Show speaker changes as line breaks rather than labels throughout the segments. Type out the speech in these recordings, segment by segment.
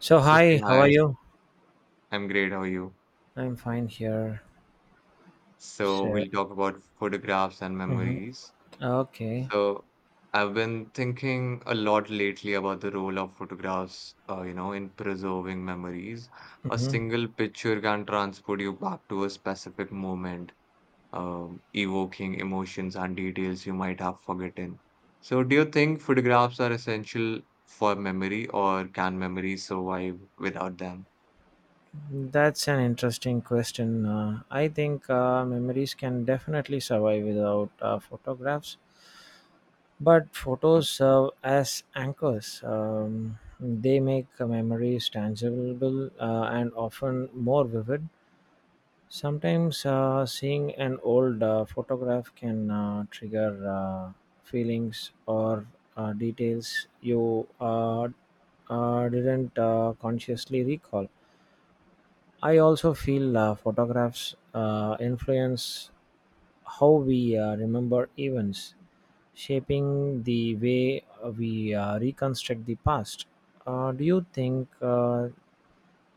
So
Okay,
hi, how are
hi.
you?
I'm great. How are you?
I'm fine here.
So,
So,
we'll talk about photographs and
mhm.
memories.
okay,
So, I've been thinking a lot lately about the role of photographs, in preserving memories. A
hmm
single picture can transport you back to a specific moment, evoking emotions and details you might have forgotten. So, do you think photographs are essential for memory, or can memories survive without them?
that's an interesting question. I think memories can definitely survive without photographs, but
Mm.
photos serve as anchors. They make memories tangible and often more vivid. Sometimes seeing an old photograph can trigger feelings or details you didn't consciously recall. I also feel photographs influence how we remember events, shaping the way we reconstruct the past. Do you think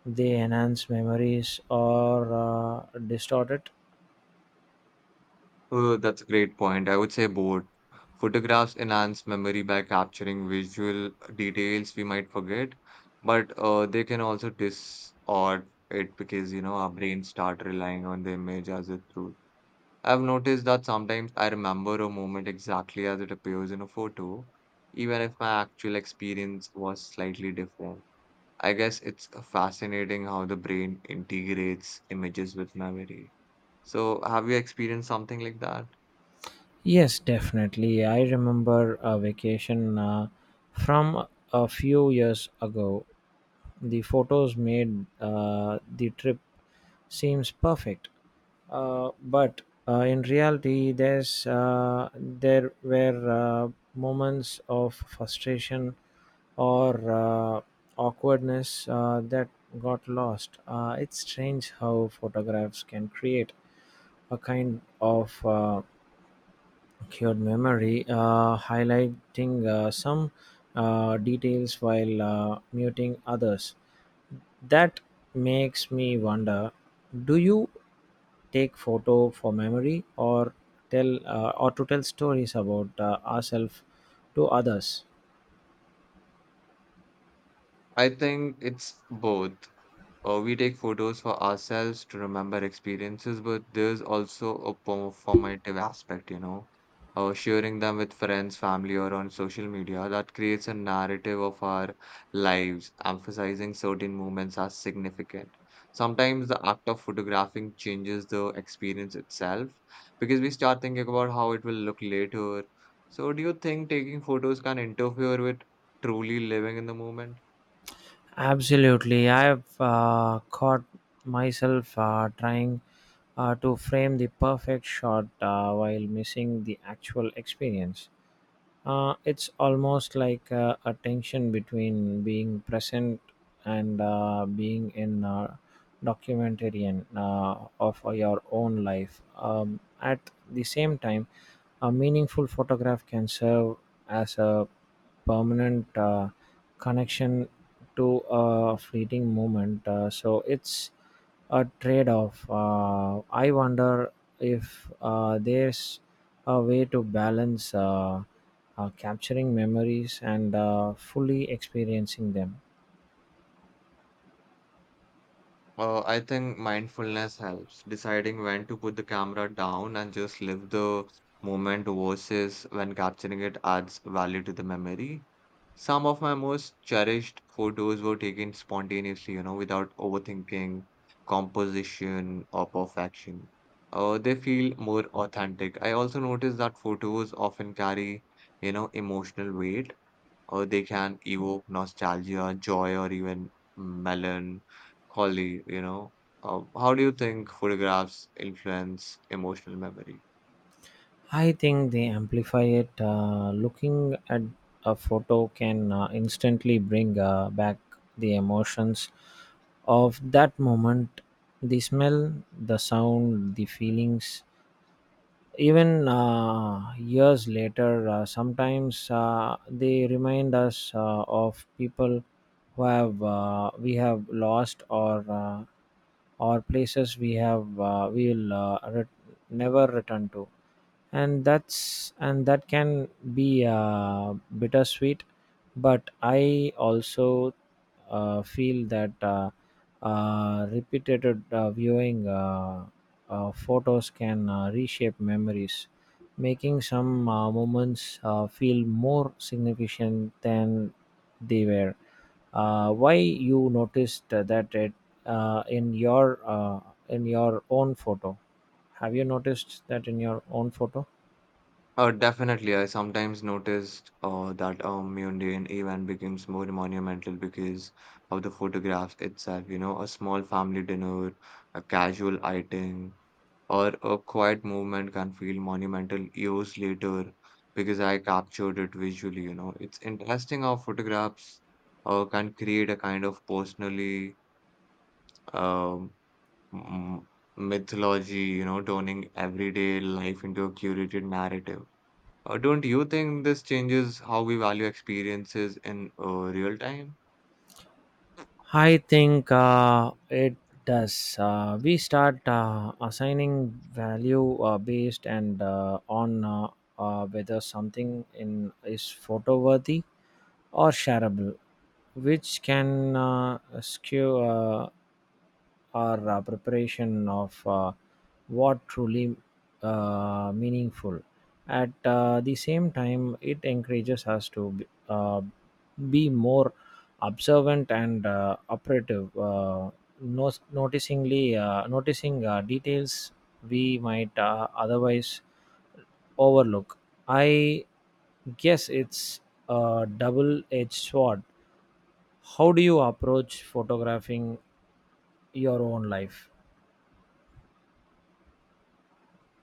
they enhance memories or distort it?
Oh, that's a great point. I would say both. Photographs enhance memory by capturing visual details we might forget, but they can also distort it because, you know, our brains start relying on the image as a truth. I've noticed that sometimes I remember a moment exactly as it appears in a photo, even if my actual experience was slightly different. I guess it's fascinating how the brain integrates images with memory. So, have you experienced something like that?
Yes, definitely. I remember a vacation from a few years ago. The photos made the trip seems perfect, but in reality, there were moments of frustration or awkwardness that got lost. It's strange how photographs can create a kind of cured memory, highlighting some details while muting others. That makes me wonder: do you take photo for memory, or to tell stories about ourselves to others?
I think it's both. We take photos for ourselves to remember experiences, but there's also a performative aspect, you know. Sharing them with friends, family, or on social media, that creates a narrative of our lives, emphasizing certain moments as significant. Sometimes the act of photographing changes the experience itself because we start thinking about how it will look later. So, do you think taking photos can interfere with truly living in the moment?
Absolutely. I've caught myself trying to frame the perfect shot while missing the actual experience. It's almost like a tension between being present and being in a documentarian of your own life. At the same time, a meaningful photograph can serve as a permanent connection to a fleeting moment. So it's a trade-off. I wonder if there's a way to balance capturing memories and fully experiencing them.
I think mindfulness helps. Deciding when to put the camera down and just live the moment versus when capturing it adds value to the memory. Some of my most cherished photos were taken spontaneously, you know, without overthinking composition or perfection. They feel more authentic. I also noticed that photos often carry, you know, emotional weight, or they can evoke nostalgia, joy, or even melancholy, you know. How do you think photographs influence emotional memory?
I think they amplify it. Looking at a photo can instantly bring back the emotions of that moment, the smell, the sound, the feelings. Even years later, sometimes they remind us of people who have we have lost, or places never return to, and that can be bittersweet. But I also feel that repeated viewing photos can reshape memories, making some moments feel more significant than they were. Uh, why you noticed that it uh, in your uh, in your own photo, have you noticed that in your own photo?
Definitely, I sometimes noticed that a mundane event becomes more monumental because of the photographs itself. You know, a small family dinner, a casual outing, or a quiet movement can feel monumental years later because I captured it visually. You know, it's interesting how photographs can create a kind of personally um, m- mythology. You know, turning everyday life into a curated narrative. Don't you think this changes how we value experiences in real time?
I think it does. We start assigning value based and on whether something in is photo worthy or shareable, which can skew our preparation of what truly meaningful. At the same time, it encourages us to be more observant and operative, noticing details we might otherwise overlook. I guess it's a double-edged sword. How do you approach photographing your own life?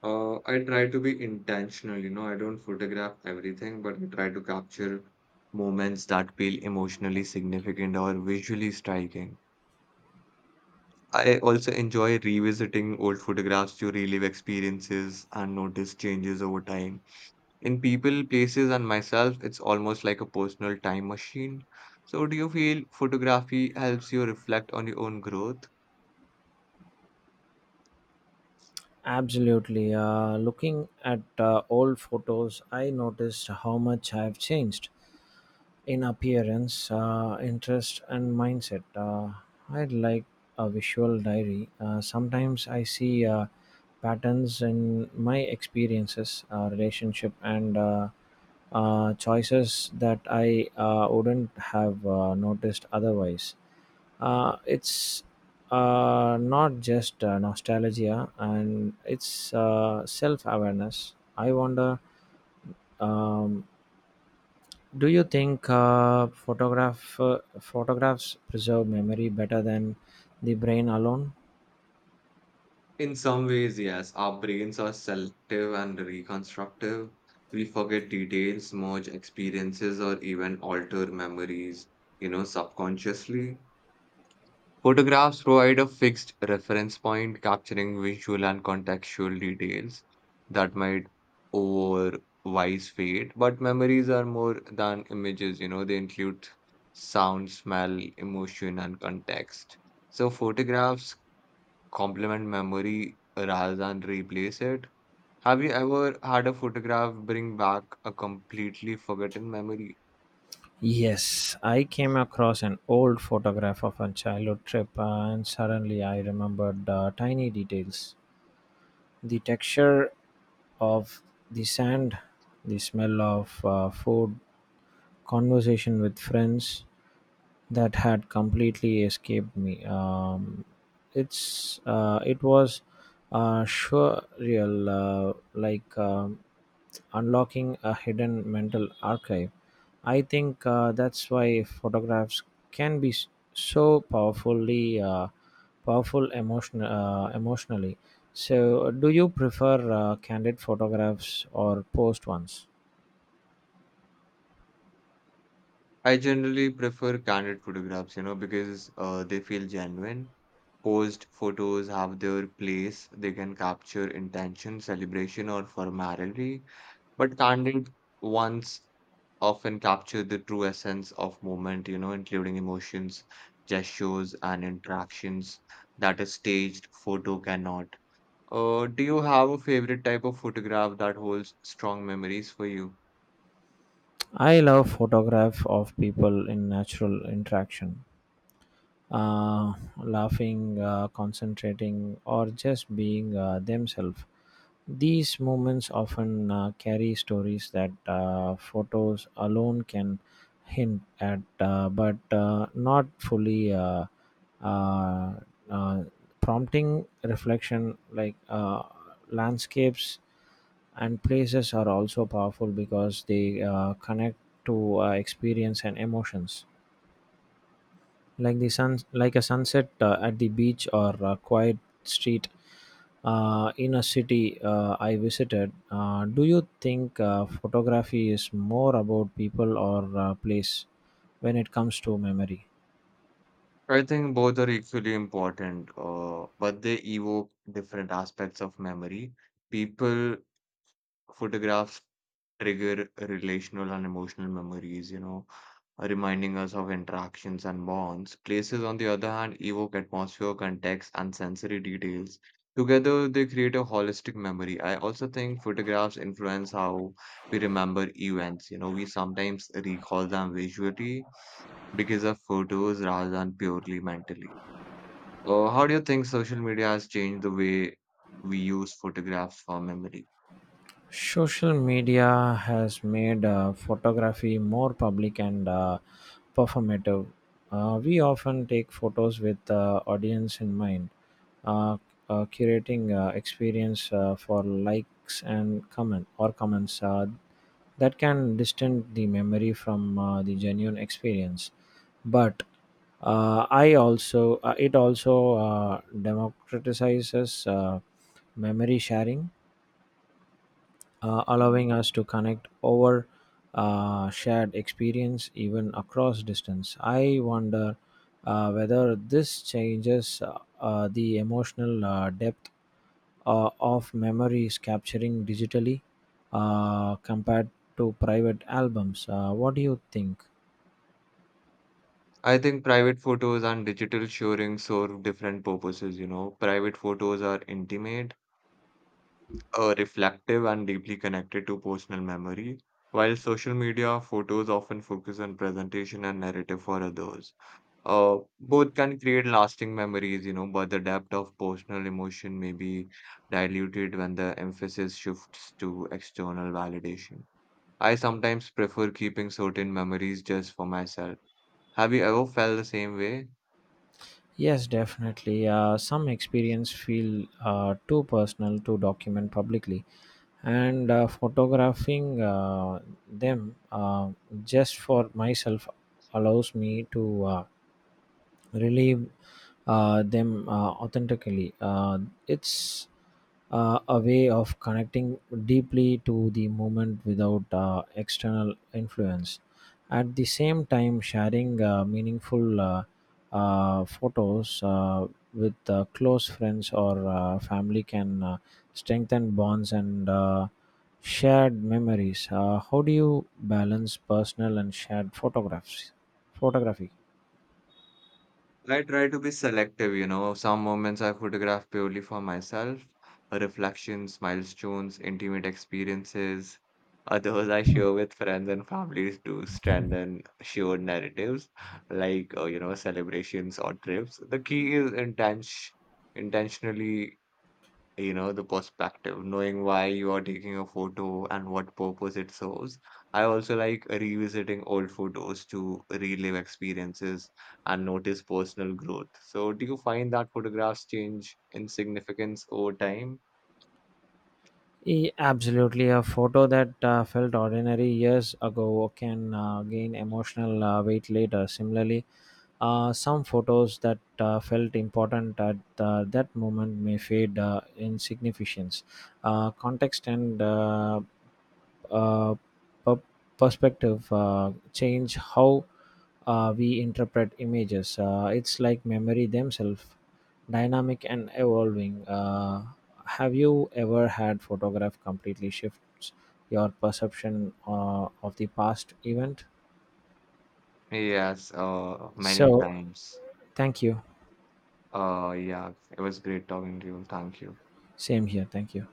I try to be intentional, you know, I don't photograph everything, but I try to capture moments that feel emotionally significant or visually striking. I also enjoy revisiting old photographs to relive experiences and notice changes over time. In people, places, and myself, it's almost like a personal time machine. So, do you feel photography helps you reflect on your own growth?
Absolutely. Looking at old photos, I noticed how much I have changed in appearance, interest, and mindset. I'd like a visual diary. Sometimes I see patterns in my experiences, relationship, and choices that I wouldn't have noticed otherwise. It's not just nostalgia, and it's self-awareness. I wonder, um, do you think photographs preserve memory better than the brain alone?
In some ways, yes, our brains are selective and reconstructive. We forget details, merge experiences, or even alter memories, you know, subconsciously. Photographs provide a fixed reference point, capturing visual and contextual details that might otherwise fade. But memories are more than images, you know, they include sound, smell, emotion, and context. So photographs complement memory rather than replace it. Have you ever had a photograph bring back a completely forgotten memory?
Yes, I came across an old photograph of a childhood trip, and suddenly I remembered tiny details. The texture of the sand, the smell of food, conversation with friends that had completely escaped me. It was surreal, like unlocking a hidden mental archive. I think that's why photographs can be so powerful emotionally. So, do you prefer candid photographs or posed ones?
I generally prefer candid photographs, you know, because they feel genuine. Posed photos have their place. They can capture intention, celebration, or formality. But candid ones often capture the true essence of moment, you know, including emotions, gestures, and interactions that a staged photo cannot. Do you have a favorite type of photograph that holds strong memories for you?
I love photograph of people in natural interaction, uh, laughing, concentrating, or just being themselves. These moments often carry stories that photos alone can hint at, but not fully uh, uh, prompting reflection. Landscapes and places are also powerful because they connect to experience and emotions, like a sunset at the beach, or a quiet street in a city I visited. Do you think photography is more about people or place when it comes to memory?
I think both are equally important, but they evoke different aspects of memory. People, photographs trigger relational and emotional memories, you know, reminding us of interactions and bonds. Places, on the other hand, evoke atmosphere, context, and sensory details. Together, they create a holistic memory. I also think photographs influence how we remember events. You know, we sometimes recall them visually because of photos rather than purely mentally. How do you think social media has changed the way we use photographs for memory?
Social media has made photography more public and performative. We often take photos with audience in mind, uh, curating experience for likes and comments, that can distance the memory from the genuine experience. But I also it also democratizes memory sharing, allowing us to connect over shared experience even across distance. I wonder whether this changes the emotional depth of memories capturing digitally compared to private albums. What do you think?
I think private photos and digital sharing serve different purposes, you know. Private photos are intimate, reflective, and deeply connected to personal memory, while social media photos often focus on presentation and narrative for others. Both can create lasting memories, you know, but the depth of personal emotion may be diluted when the emphasis shifts to external validation. I sometimes prefer keeping certain memories just for myself. Have you ever felt the same way?
Yes, definitely. Some experience feel too personal to document publicly, and photographing them just for myself allows me to relieve them authentically. It's a way of connecting deeply to the moment without external influence. At the same time, sharing meaningful photos with close friends or family can strengthen bonds and shared memories. How do you balance personal and shared photographs? Photography.
I try to be selective, you know. Some moments I photograph purely for myself, reflections, milestones, intimate experiences. Others I share with friends and families to strengthen shared narratives, like celebrations or trips. The key is intention, intentionally, you know, the perspective, knowing why you are taking a photo and what purpose it serves. I also like revisiting old photos to relive experiences and notice personal growth. So, do you find that photographs change in significance over time?
Absolutely, a photo that felt ordinary years ago can gain emotional weight later. Similarly, some photos that felt important at that moment may fade in significance. Context and uh, per- perspective change how we interpret images. It's like memory themselves, dynamic and evolving. Have you ever had photograph completely shifts your perception of the past event?
Yes, many
So,
times.
thank you.
Yeah, it was great talking to you. Thank you.
Same here. Thank you.